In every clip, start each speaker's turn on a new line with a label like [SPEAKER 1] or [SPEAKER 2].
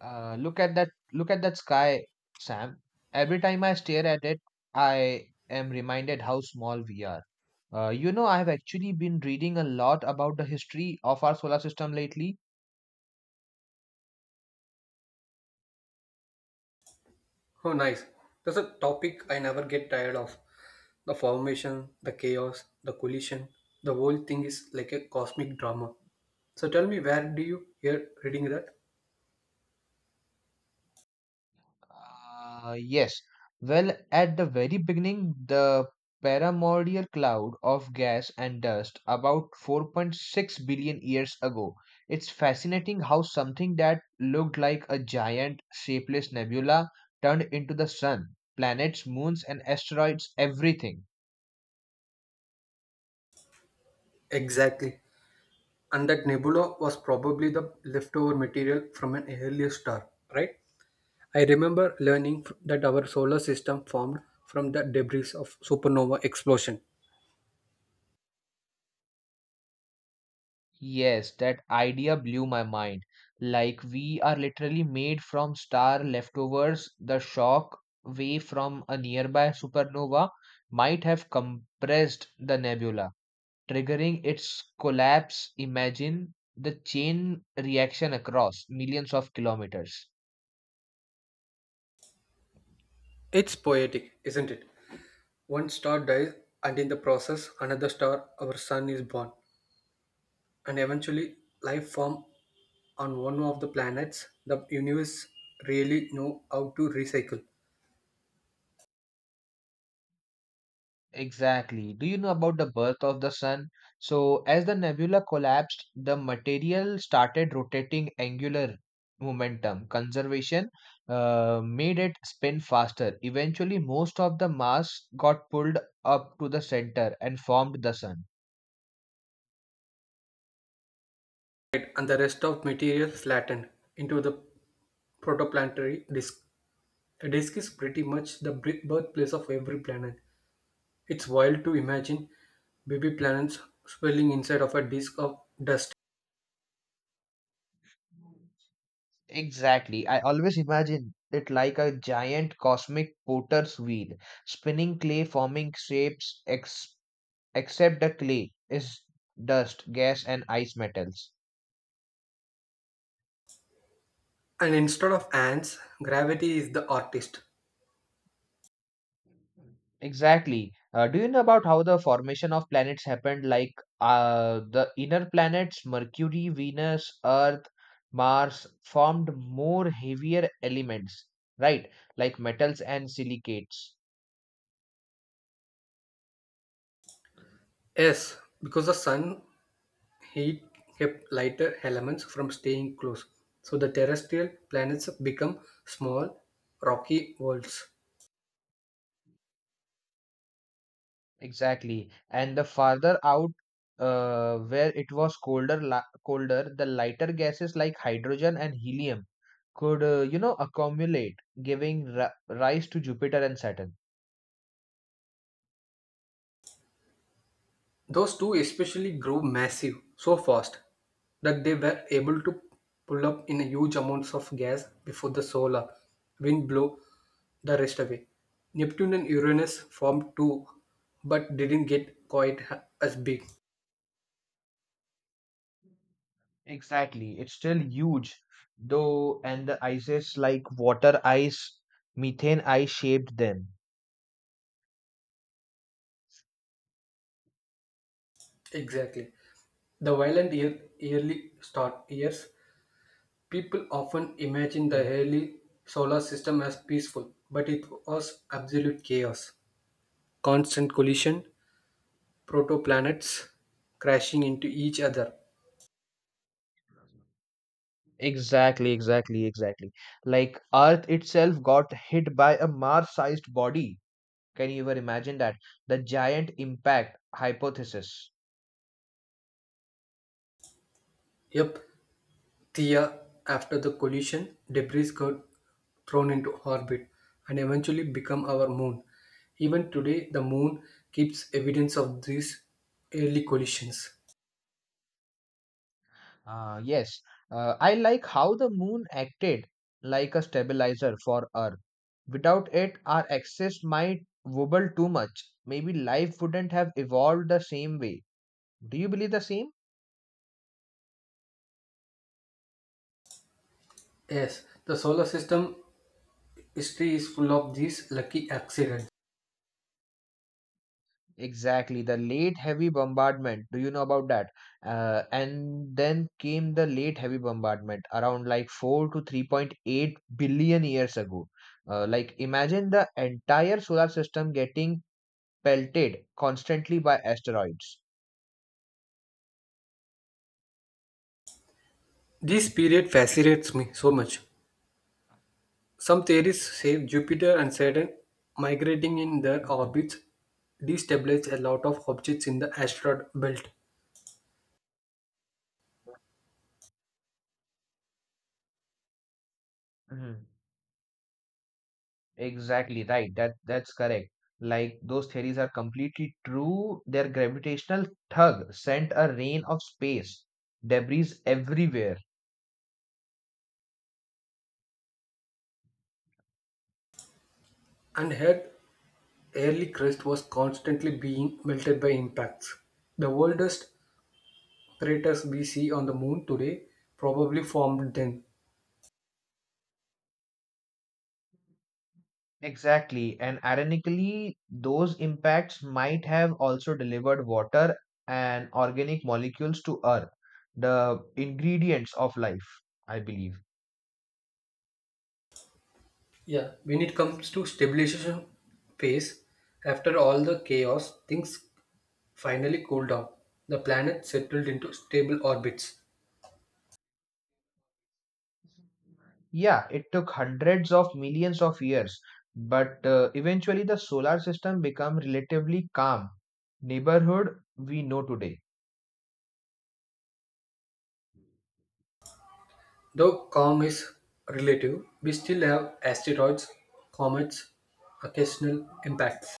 [SPEAKER 1] Look at that sky, Sam. Every time I stare at it, I am reminded how small we are. I have actually been reading a lot about the history of our solar system lately.
[SPEAKER 2] Oh, nice. That's a topic I never get tired of. The formation, the chaos, the collision, the whole thing is like a cosmic drama. So tell me, where do you hear reading that?
[SPEAKER 1] Uh, yes. Well, at the very beginning, the primordial cloud of gas and dust about 4.6 billion years ago. It's fascinating how something that looked like a giant, shapeless nebula turned into the sun, planets, moons, and asteroids, everything.
[SPEAKER 2] Exactly. And that nebula was probably the leftover material from an earlier star, right? I remember learning that our solar system formed from the debris of supernova explosion.
[SPEAKER 1] Yes, that idea blew my mind. Like, we are literally made from star leftovers. The shock wave from a nearby supernova might have compressed the nebula, triggering its collapse. Imagine the chain reaction across millions of kilometers.
[SPEAKER 2] It's poetic, isn't it? One star dies, and in the process, another star, our sun, is born. And eventually life form on one of the planets. The universe really know how to recycle.
[SPEAKER 1] Exactly. Do you know about the birth of the sun? So, as the nebula collapsed, the material started rotating angular momentum. Conservation made it spin faster. Eventually, most of the mass got pulled up to the center and formed the sun.
[SPEAKER 2] Right, and the rest of material flattened into the protoplanetary disk. A disk is pretty much the birthplace of every planet. It's wild to imagine baby planets swirling inside of a disk of dust.
[SPEAKER 1] Exactly. I always imagine it like a giant cosmic potter's wheel, spinning clay, forming shapes, ex except the clay is dust, gas, and ice metals.
[SPEAKER 2] And instead of ants, gravity is the artist.
[SPEAKER 1] Exactly. Do you know about how the formation of planets happened? Like the inner planets, Mercury, Venus, Earth, Mars, formed more heavier elements, right? Like metals and silicates.
[SPEAKER 2] Yes, because the sun heat kept lighter elements from staying close, so the terrestrial planets become small, rocky worlds.
[SPEAKER 1] Exactly. And the farther out, where it was colder, la colder, the lighter gases like hydrogen and helium could, accumulate, giving ri rise to Jupiter and Saturn.
[SPEAKER 2] Those two especially grew massive so fast that they were able to pull up in huge amounts of gas before the solar wind blew the rest away. Neptune and Uranus formed too, but didn't get quite as big.
[SPEAKER 1] Exactly. It's still huge, though, and the ices like water ice, methane ice shaped them.
[SPEAKER 2] Exactly. The violent year, yearly start years. People often imagine the
[SPEAKER 1] Mm.
[SPEAKER 2] early solar system as peaceful, but it was absolute chaos. Constant collision, protoplanets crashing into each other.
[SPEAKER 1] Exactly. Like, Earth itself got hit by a Mars-sized body. Can you even imagine that? The giant impact hypothesis.
[SPEAKER 2] Yep, Thea, after the collision, debris got thrown into orbit and eventually become our moon. Even today, the moon keeps evidence of these early collisions.
[SPEAKER 1] Uh, yes, I like how the moon acted like a stabilizer for Earth. Without it, our axis might wobble too much. Maybe life wouldn't have evolved the same way. Do you believe the same?
[SPEAKER 2] Yes, the solar system history is full of these lucky accidents.
[SPEAKER 1] Exactly. The late heavy bombardment. Do you know about that? And then came the late heavy bombardment around like 4 to 3.8 billion years ago. Imagine the entire solar system getting pelted constantly by asteroids.
[SPEAKER 2] This period fascinates me so much. Some theories say Jupiter and Saturn migrating in their
[SPEAKER 1] Mhm,
[SPEAKER 2] orbits destabilized a lot of objects in the asteroid belt,
[SPEAKER 1] mhm. Exactly right. That's correct. Like, those theories are completely true. Their gravitational tug sent a rain of space debris everywhere.
[SPEAKER 2] and Earth's early crust was constantly being melted by impacts. The oldest craters we see on the moon today probably formed then.
[SPEAKER 1] Exactly. And ironically, those impacts might have also delivered water and organic molecules to Earth, the ingredients of life, I believe.
[SPEAKER 2] Yeah, when it comes to stabilization phase, after all the chaos, things finally cooled down. The planet settled into stable orbits.
[SPEAKER 1] Yeah, it took hundreds of millions of years, but eventually the solar system became relatively calm neighborhood we know today.
[SPEAKER 2] Though Kong is relative, we still have asteroids, comets, occasional impacts.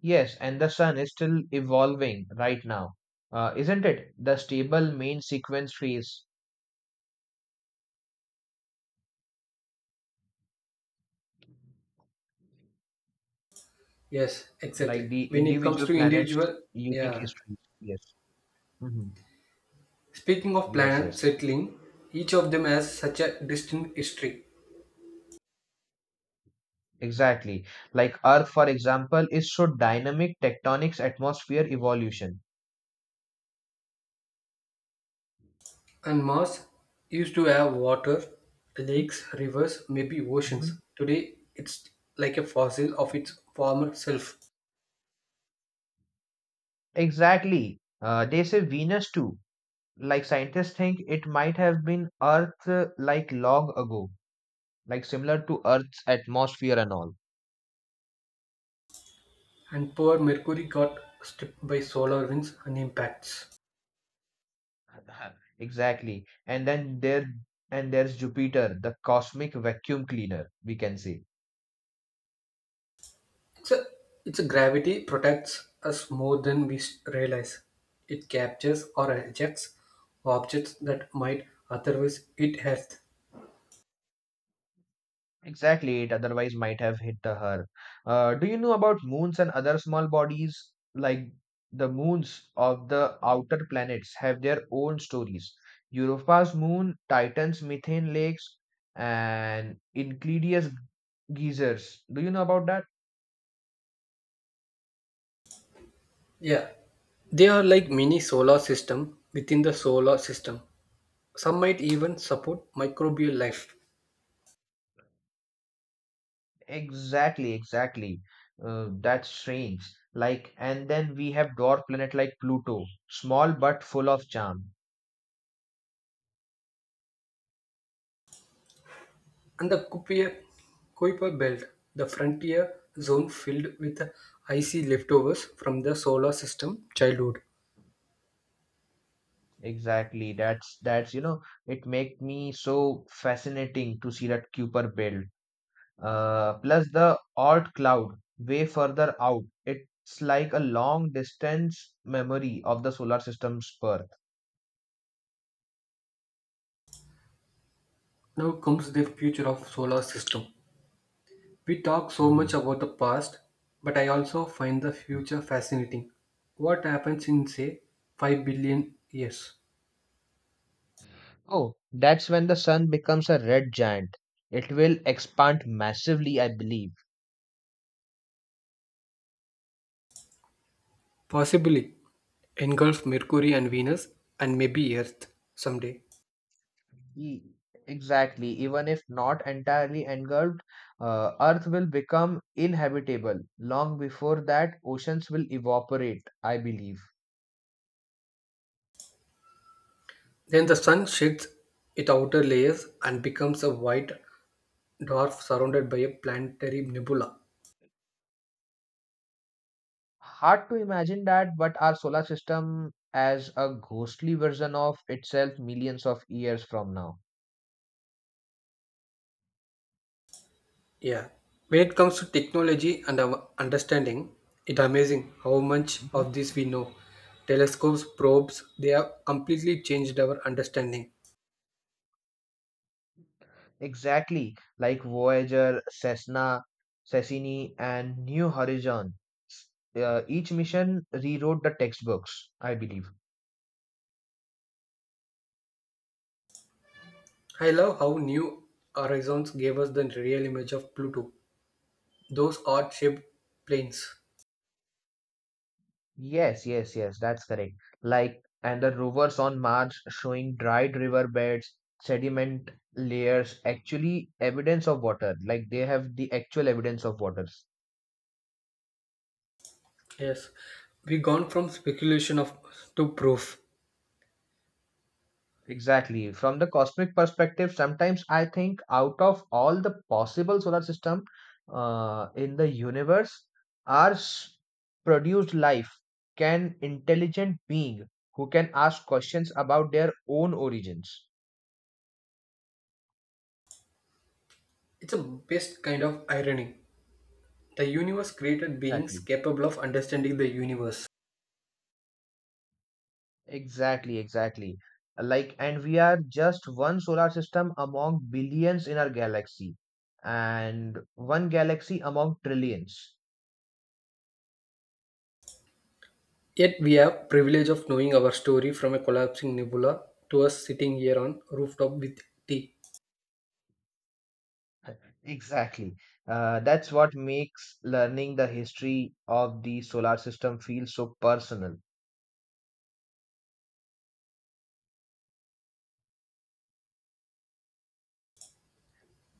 [SPEAKER 1] Yes, and the sun is still evolving right now, isn't it? The stable main sequence phase,
[SPEAKER 2] Yes,
[SPEAKER 1] like
[SPEAKER 2] exactly.
[SPEAKER 1] the
[SPEAKER 2] When it comes
[SPEAKER 1] individual
[SPEAKER 2] to
[SPEAKER 1] planet's
[SPEAKER 2] individual,
[SPEAKER 1] unique
[SPEAKER 2] yeah.
[SPEAKER 1] histories. Yes. Hmm.
[SPEAKER 2] Speaking of
[SPEAKER 1] Yes,
[SPEAKER 2] planets
[SPEAKER 1] yes.
[SPEAKER 2] settling, each of them has such a distinct history.
[SPEAKER 1] Exactly. Like, Earth, for example, is so dynamic, tectonics, atmosphere, evolution.
[SPEAKER 2] And Mars used to have water, lakes, rivers, maybe
[SPEAKER 1] Mhm.
[SPEAKER 2] oceans. Today, it's like a fossil of its former self.
[SPEAKER 1] Exactly. They say Venus too. Like, scientists think it might have been Earth like long ago, like similar to Earth's atmosphere and all.
[SPEAKER 2] And poor Mercury got stripped by solar winds and impacts.
[SPEAKER 1] Exactly. And there's Jupiter, the cosmic vacuum cleaner, we can say.
[SPEAKER 2] It's a, it's a gravity protects us more than we realize. It captures or ejects objects that might otherwise hit Earth.
[SPEAKER 1] Exactly, it otherwise might have hit the her. Do you know about moons and other small bodies? Like, the moons of the outer planets have their own stories. Europa's moon, Titan's methane lakes, and Euclide's geysers. Do you know about that?
[SPEAKER 2] Yeah, they are like mini solar system within the solar system. Some might even support microbial life.
[SPEAKER 1] Exactly. That's strange. Like, and then we have dwarf planet like Pluto, small but full of charm.
[SPEAKER 2] And the Kuiper Belt, the frontier zone filled with icy leftovers from the solar system childhood.
[SPEAKER 1] Exactly. That's it make me so fascinating to see that Kuiper belt. Plus the odd cloud way further out. It's like a long distance memory of the solar system's birth.
[SPEAKER 2] Now comes the future of solar system. We talk so much
[SPEAKER 1] Mhm.
[SPEAKER 2] about the past, but I also find the future fascinating. What happens in, say, 5 billion years?
[SPEAKER 1] Oh, that's when the sun becomes a red giant. It will expand massively, I believe.
[SPEAKER 2] Possibly engulf Mercury and Venus and maybe Earth someday.
[SPEAKER 1] E- Exactly. Even if not entirely engulfed, Earth will become inhabitable. Long before that, oceans will evaporate, I believe.
[SPEAKER 2] Then the sun sheds its outer layers and becomes a white dwarf surrounded by a planetary nebula.
[SPEAKER 1] Hard to imagine that, but our solar system as a ghostly version of itself millions of years from now.
[SPEAKER 2] Yeah. When it comes to technology and our understanding, it's amazing how much
[SPEAKER 1] Mhm.
[SPEAKER 2] of this we know. Telescopes, probes, they have completely changed our understanding.
[SPEAKER 1] Exactly. Like Voyager, Cassini, and New Horizon. S- each mission rewrote the textbooks, I believe.
[SPEAKER 2] I love how New Horizons gave us the real image of Pluto, those odd shaped planes.
[SPEAKER 1] Yes, that's correct. Like, and the rovers on Mars showing dried riverbeds, sediment layers, actually evidence of water. Like, they have the actual evidence of waters.
[SPEAKER 2] Yes, we gone from speculation of to proof.
[SPEAKER 1] Exactly. From the cosmic perspective, sometimes I think out of all the possible solar system in the universe, ours produced life can intelligent being who can ask questions about their own origins.
[SPEAKER 2] It's a best kind of irony. The universe created beings
[SPEAKER 1] Exactly.
[SPEAKER 2] capable of understanding the universe.
[SPEAKER 1] Exactly. Like, and we are just one solar system among billions in our galaxy, and one galaxy among trillions.
[SPEAKER 2] Yet we have privilege of knowing our story from a collapsing nebula to us sitting here on rooftop with tea.
[SPEAKER 1] Exactly. That's what makes learning the history of the solar system feel so personal.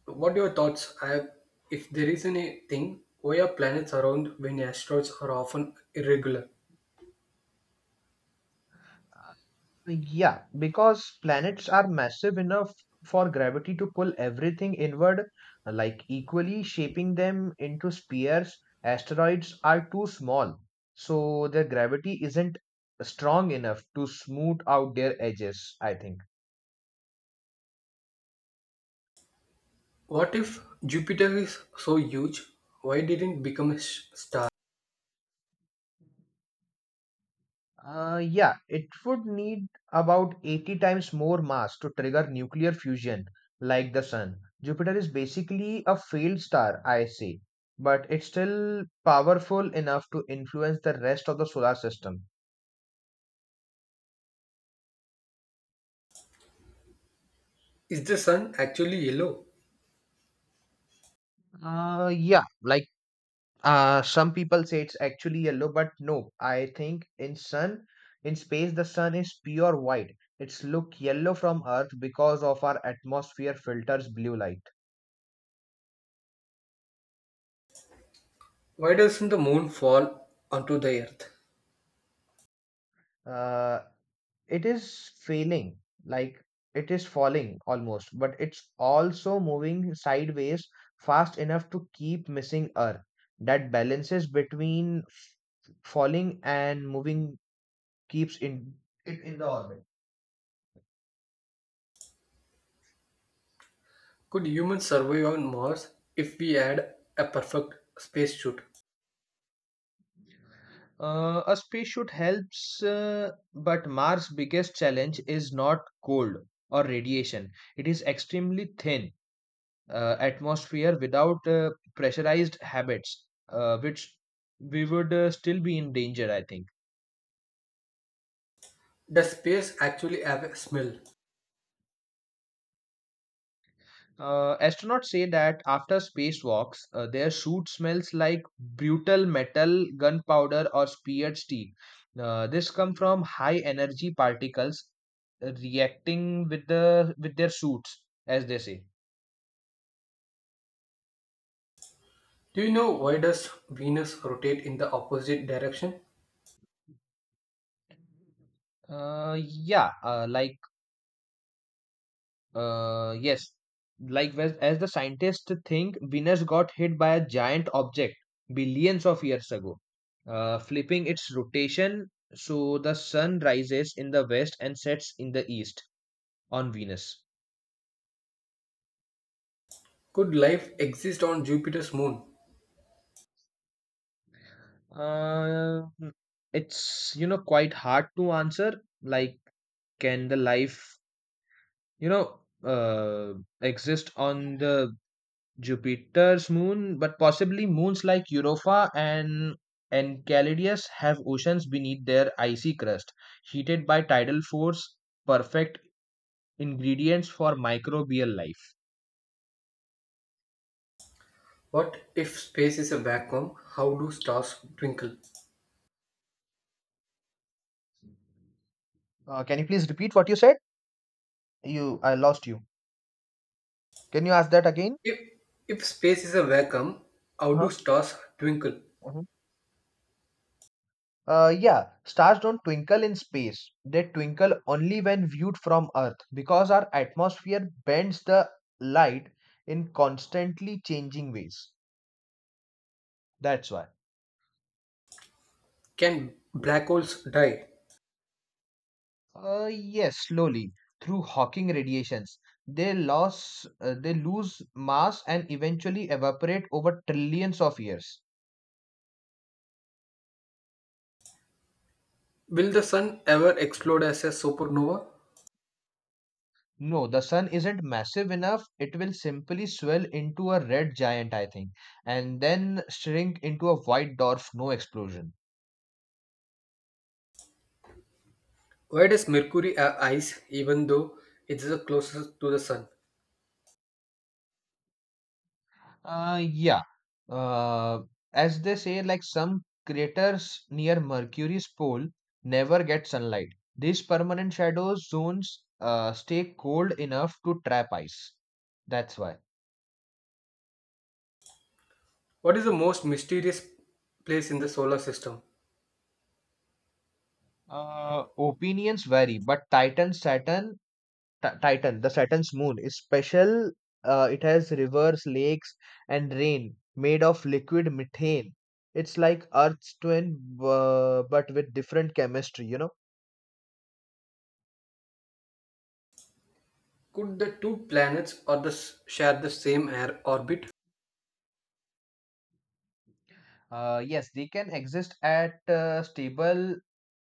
[SPEAKER 2] What are your thoughts? I have, if there is anything, why are planets around when asteroids are often irregular?
[SPEAKER 1] Yeah, because planets are massive enough for gravity to pull everything inward, like equally, shaping them into spheres. Asteroids are too small, so their gravity isn't strong enough to smooth out their edges, I think.
[SPEAKER 2] What if Jupiter is so huge? Why didn't it become a star?
[SPEAKER 1] Yeah, it would need about 80 times more mass to trigger nuclear fusion like the sun. Jupiter is basically a failed star, I say, but it's still powerful enough to influence the rest of the solar system.
[SPEAKER 2] Is the sun actually yellow?
[SPEAKER 1] Uh, yeah, like some people say it's actually yellow, but no, I think in space, the sun is pure white. It's look yellow from Earth because of our atmosphere filters blue light.
[SPEAKER 2] Why doesn't the moon fall onto the earth?
[SPEAKER 1] uh, it is failing, like, it is falling almost, but it's also moving sideways fast enough to keep missing earth. That balances between falling and moving keeps in it in the orbit.
[SPEAKER 2] Could humans survive on Mars if we had a perfect spacesuit?
[SPEAKER 1] A spacesuit helps, but mars biggest challenge is not cold or radiation. It is extremely thin atmosphere without pressurized habits, which we would still be in danger, I think.
[SPEAKER 2] Does space actually have a smell?
[SPEAKER 1] Astronauts say that after spacewalks, their suit smells like brutal metal, gunpowder, or speared steel. This come from high energy particles reacting with the with their suits, as they say.
[SPEAKER 2] Do you know why does Venus rotate in the opposite direction?
[SPEAKER 1] Yeah, like yes, like as the scientists think, Venus got hit by a giant object billions of years ago, flipping its rotation so the sun rises in the west and sets in the east on Venus.
[SPEAKER 2] Could life exist on Jupiter's moon?
[SPEAKER 1] Uh, it's you know quite hard to answer. Like, can the life you know uh, exist on the Jupiter's moon, but possibly moons like Europa and Enceladus have oceans beneath their icy crust, heated by tidal force, perfect ingredients for microbial life.
[SPEAKER 2] What if space is a vacuum? How do stars twinkle?
[SPEAKER 1] Can you please repeat what you said? You, I lost you. Can you ask that again?
[SPEAKER 2] If, if space is a vacuum, how do
[SPEAKER 1] Huh?
[SPEAKER 2] stars twinkle?
[SPEAKER 1] Mhm. Yeah, stars don't twinkle in space. They twinkle only when viewed from Earth because our atmosphere bends the light in constantly changing ways. That's why.
[SPEAKER 2] Can black holes die?
[SPEAKER 1] Yes, slowly through Hawking radiations, they lose mass and eventually evaporate over trillions of years.
[SPEAKER 2] Will the sun ever explode as a supernova?
[SPEAKER 1] No, the sun isn't massive enough. It will simply swell into a red giant, I think, and then shrink into a white dwarf. No explosion.
[SPEAKER 2] Why does Mercury have ice even though it is the closest to the sun?
[SPEAKER 1] Uh, yeah. Uh, as they say, like, some craters near Mercury's pole never get sunlight. These permanent shadow zones stay cold enough to trap ice. That's why.
[SPEAKER 2] What is the most mysterious place in the solar system?
[SPEAKER 1] Opinions vary, but Titan, Saturn, Titan, the Saturn's moon is special. It has rivers, lakes, and rain made of liquid methane. It's like Earth's twin, but with different chemistry, you know.
[SPEAKER 2] Could the two planets or the share the same air orbit?
[SPEAKER 1] Yes, they can exist at stable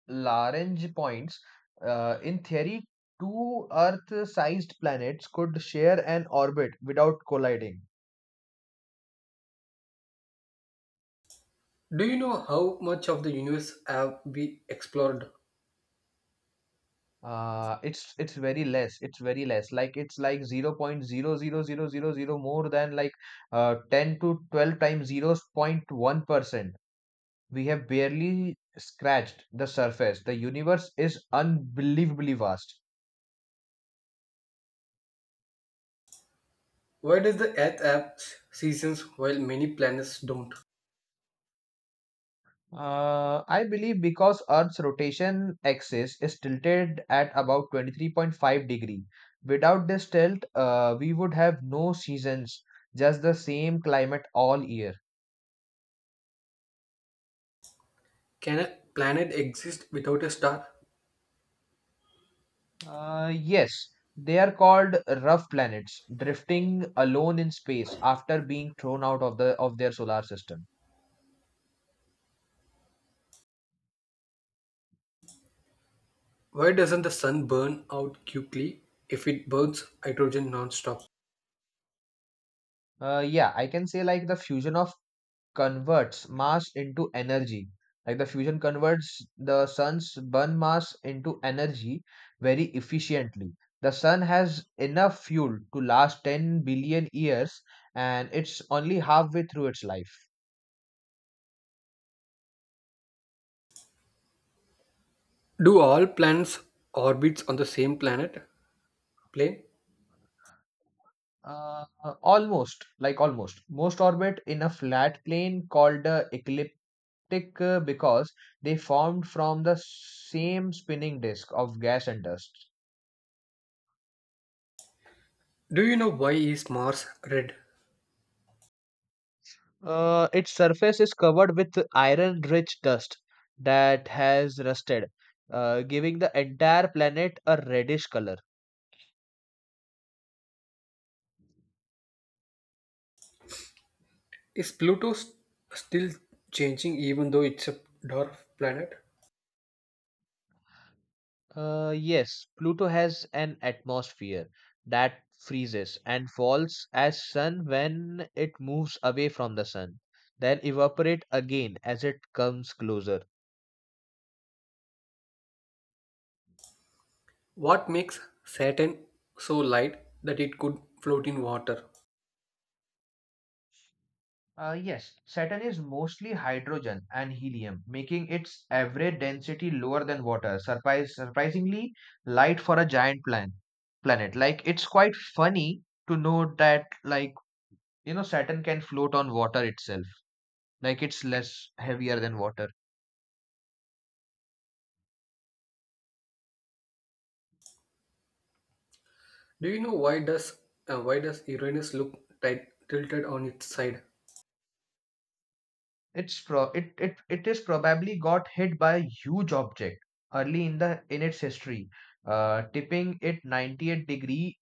[SPEAKER 1] Lagrange points. In theory, two Earth-sized planets could share an orbit without colliding.
[SPEAKER 2] Do you know how much of the universe have we explored?
[SPEAKER 1] It's very less. It's very less. Like it's 0.00000 more than like 10 to 12 times 0.1%. We have barely scratched the surface. The universe is unbelievably vast.
[SPEAKER 2] Why does the Earth have seasons while many planets don't?
[SPEAKER 1] I believe because Earth's rotation axis is tilted at about 23.5 degree. Without this tilt, we would have no seasons, just the same climate all year.
[SPEAKER 2] Can a planet exist without a star?
[SPEAKER 1] Yes, they are called rough planets, drifting alone in space after being thrown out of their solar system.
[SPEAKER 2] Why doesn't the sun burn out quickly if it burns hydrogen non-stop?
[SPEAKER 1] Yeah, I can say like the fusion of converts mass into energy. Like, the fusion converts the sun's burn mass into energy very efficiently. The sun has enough fuel to last 10 billion years and it's only halfway through its life.
[SPEAKER 2] Do all planets orbits on the same planet plane?
[SPEAKER 1] Uh, almost. Most orbit in a flat plane called the ecliptic because they formed from the same spinning disk of gas and dust.
[SPEAKER 2] Do you know why is Mars red?
[SPEAKER 1] Its surface is covered with iron rich dust that has rusted, giving the entire planet a reddish color.
[SPEAKER 2] Is Pluto still changing even though it's a dwarf planet?
[SPEAKER 1] Yes, Pluto has an atmosphere that freezes and falls as sun when it moves away from the sun, then evaporate again as it comes closer.
[SPEAKER 2] What makes Saturn so light that it could float in water?
[SPEAKER 1] Yes, Saturn is mostly hydrogen and helium, making its average density lower than water. Surprisingly light for a giant planet. Planet, like, it's quite funny to know that, like, you know, Saturn can float on water itself. Like, it's less heavier than water.
[SPEAKER 2] Do you know why does Uranus look tight tilted on its side?
[SPEAKER 1] It's pro it it it is probably got hit by a huge object early in its history, tipping it 98 degree,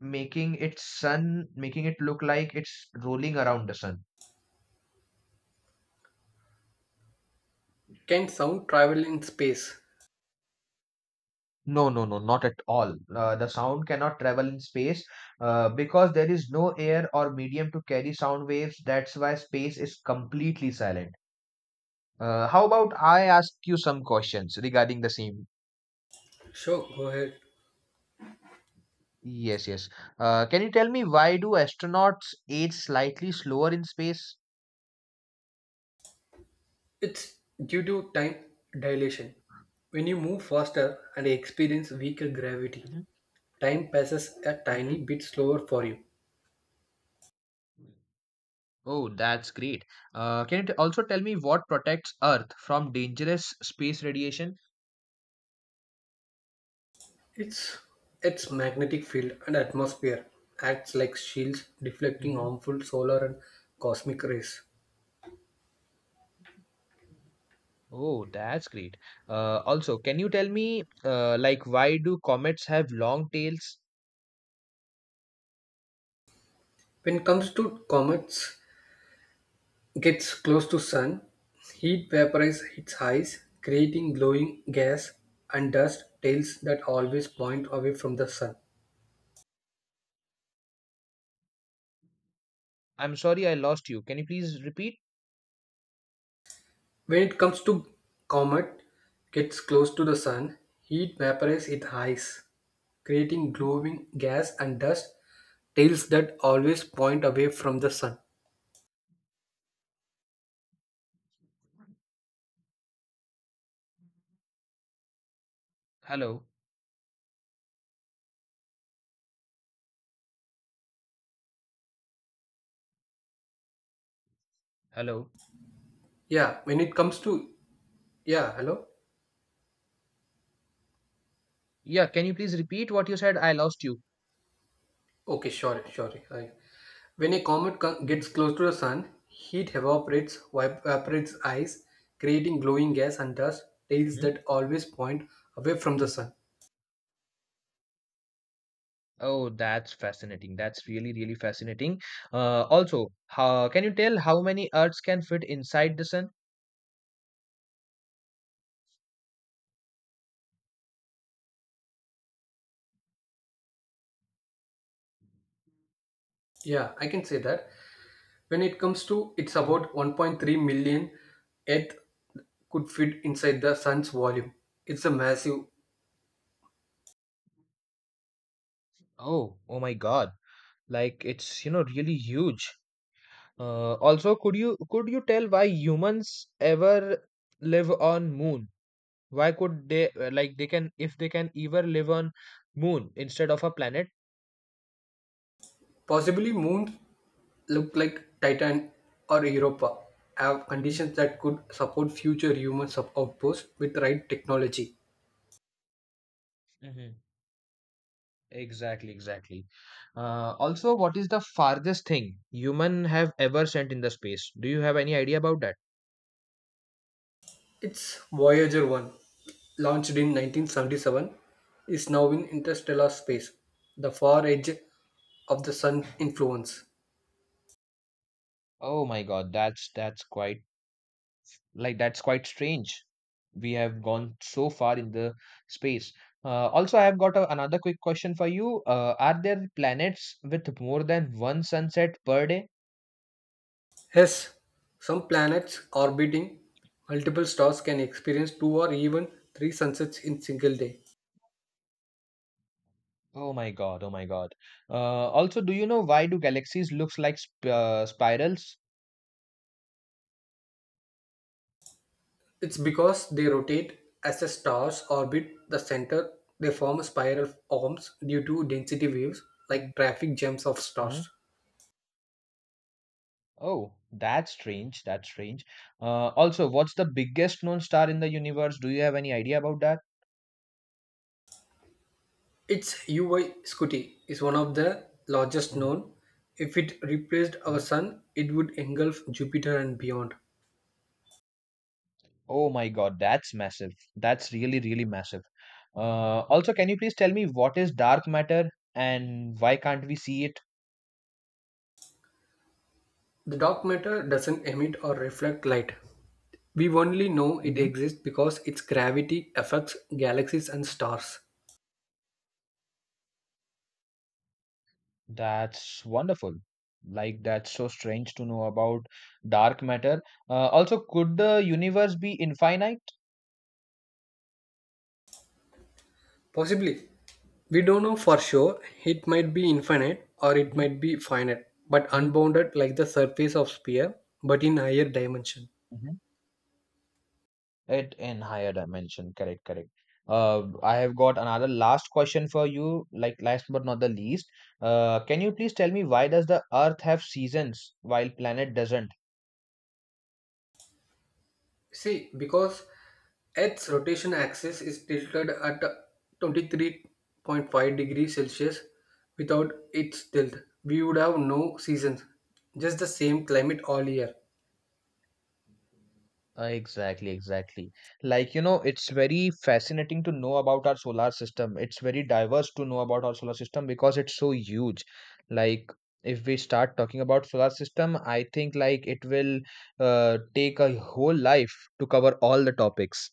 [SPEAKER 1] making its sun, making it look like it's rolling around the sun.
[SPEAKER 2] Can sound travel in space?
[SPEAKER 1] No, no, no, not at all. The sound cannot travel in space because there is no air or medium to carry sound waves. That's why space is completely silent. How about I ask you some questions regarding the same?
[SPEAKER 2] Sure, go ahead.
[SPEAKER 1] Yes, yes. Can you tell me why do astronauts age slightly slower in space?
[SPEAKER 2] It's due to time dilation. When you move faster and experience weaker gravity,
[SPEAKER 1] Mhm,
[SPEAKER 2] time passes a
[SPEAKER 1] mhm.
[SPEAKER 2] tiny bit slower for you.
[SPEAKER 1] Oh, that's great. Can you also tell me what protects Earth from dangerous space radiation?
[SPEAKER 2] Its its magnetic field and atmosphere acts like shields deflecting
[SPEAKER 1] Hmm.
[SPEAKER 2] harmful solar and cosmic rays.
[SPEAKER 1] Oh, that's great. Also, can you tell me, why do comets have long tails?
[SPEAKER 2] When it comes to comets, gets close to sun, heat vaporizes its eyes, creating glowing gas and dust tails that always point away from the sun.
[SPEAKER 1] I'm sorry, I lost you. Can you please repeat?
[SPEAKER 2] When it comes to comet gets close to the sun, heat vaporizes its ice, creating
[SPEAKER 1] Mhm.
[SPEAKER 2] glowing gas and dust tails that always point away from the sun.
[SPEAKER 1] Hello, hello.
[SPEAKER 2] Yeah, when it comes to, yeah, hello.
[SPEAKER 1] Yeah, can you please repeat what you said? I lost you.
[SPEAKER 2] Okay, sure. When a comet gets
[SPEAKER 1] Mhm.
[SPEAKER 2] close to the sun, heat evaporates, evaporates ice, creating glowing gas and dust tails
[SPEAKER 1] Mhm.
[SPEAKER 2] that always point away from the sun.
[SPEAKER 1] Oh, that's fascinating. That's really, really fascinating. Can you tell how many Earths can fit inside the sun?
[SPEAKER 2] Yeah, I can say that. When it comes to, it's
[SPEAKER 1] Mhm.
[SPEAKER 2] about 1.3 million Earth could fit inside the sun's volume. It's a massive.
[SPEAKER 1] Oh, oh my God. Like it's really huge. Also, could you tell why humans ever live on moon? Why could they, like they can if they can ever live on moon instead of a planet?
[SPEAKER 2] Possibly moons look like Titan or Europa have
[SPEAKER 1] Hmm.
[SPEAKER 2] conditions that could support future human outposts with right technology.
[SPEAKER 1] Hmm. Exactly, exactly. Also, what is the farthest thing human have ever sent in the space? Do you have any idea about that?
[SPEAKER 2] Its Voyager 1, launched in 1977, is now in interstellar space, the far edge of the sun's influence.
[SPEAKER 1] Oh my God, that's quite, that's quite strange. We have gone so far in the space. Also, I have got another quick question for you. Are there planets with more than one sunset per day?
[SPEAKER 2] Yes, some planets orbiting multiple stars can experience two or even three sunsets in single day.
[SPEAKER 1] Oh my God, oh my God. Also, do you know why do galaxies looks like spirals?
[SPEAKER 2] It's because they rotate as the stars orbit the center, they form spiral arms due to density waves like traffic jams of
[SPEAKER 1] Hmm.
[SPEAKER 2] stars.
[SPEAKER 1] Oh, that's strange, that's strange. Also, what's the biggest known star in the universe? Do you have any idea about that?
[SPEAKER 2] Its UV Scuti is one of the largest
[SPEAKER 1] Mhm,
[SPEAKER 2] known. If it replaced our
[SPEAKER 1] mhm.
[SPEAKER 2] sun, it would engulf Jupiter and beyond.
[SPEAKER 1] Oh my God, that's massive. That's really, really massive. Also, can you please tell me what is dark matter and why can't we see it?
[SPEAKER 2] The dark matter doesn't emit or reflect light. We only know it
[SPEAKER 1] Hmm.
[SPEAKER 2] exists because its gravity affects galaxies and stars.
[SPEAKER 1] That's wonderful. Like, that's so strange to know about dark matter. Also, could the universe be infinite?
[SPEAKER 2] Possibly, we don't know for sure. It might be infinite or it
[SPEAKER 1] Mhm,
[SPEAKER 2] might be finite, but
[SPEAKER 1] mhm,
[SPEAKER 2] unbounded like the surface of sphere, but in higher dimension.
[SPEAKER 1] mhm. It in higher dimension. Correct, correct. I have got another last question for you, like last but not the least. Can you please tell me why does the Earth have seasons while planet doesn't?
[SPEAKER 2] See, because Earth's rotation axis is tilted at 23.5 degrees Celsius without its tilt, we would have no seasons, just the same climate all year.
[SPEAKER 1] Exactly, exactly. Like, you know, it's very fascinating to know about our solar system. It's very diverse to know about our solar system because it's so huge. Like, if we start talking about solar system, I think it will, take a whole life to cover all the topics.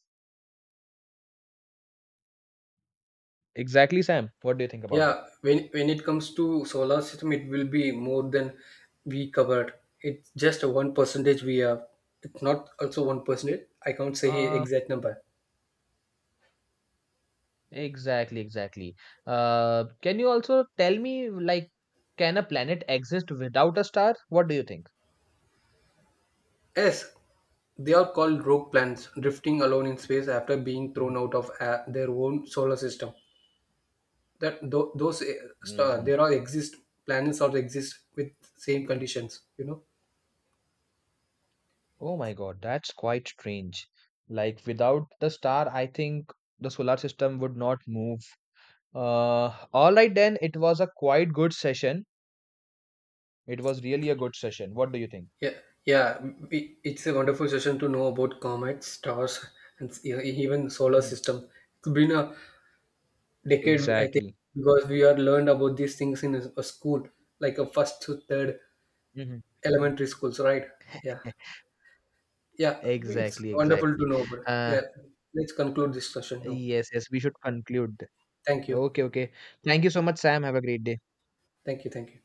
[SPEAKER 1] Exactly, Sam. What do you think about it?
[SPEAKER 2] Yeah, when it comes to solar system, it will be more than we covered. It's just a one percentage we have. It's not also one percentage. I can't say
[SPEAKER 1] Uh,
[SPEAKER 2] exact number.
[SPEAKER 1] exactly, exactly. Can you also tell me, like, can a planet exist without a star? What do you think?
[SPEAKER 2] Yes, they are called rogue planets, drifting alone in space after being thrown out of their own solar system. That those star,
[SPEAKER 1] Hmm.
[SPEAKER 2] there are exist planets or exist with same conditions. You know.
[SPEAKER 1] Oh my God, that's quite strange. Like without the star, I think the solar system would not move. All right then, it was a quite good session. It was really a good session. What do you think?
[SPEAKER 2] Yeah, yeah. It's a wonderful session to know about comets, stars, and even solar
[SPEAKER 1] Hmm.
[SPEAKER 2] system. It's been a decade, I think,
[SPEAKER 1] Exactly.
[SPEAKER 2] because we are learned about these things in a school, like a first to third
[SPEAKER 1] Hmm.
[SPEAKER 2] elementary schools, right? Yeah, yeah. It's
[SPEAKER 1] Exactly,
[SPEAKER 2] wonderful to
[SPEAKER 1] exactly.
[SPEAKER 2] know about.
[SPEAKER 1] Uh,
[SPEAKER 2] Yeah, let's conclude this session now.
[SPEAKER 1] yes, yes, we should conclude.
[SPEAKER 2] Thank you,
[SPEAKER 1] Okay, okay. Thank you so much, Sam. Have a great day.
[SPEAKER 2] thank you, thank you.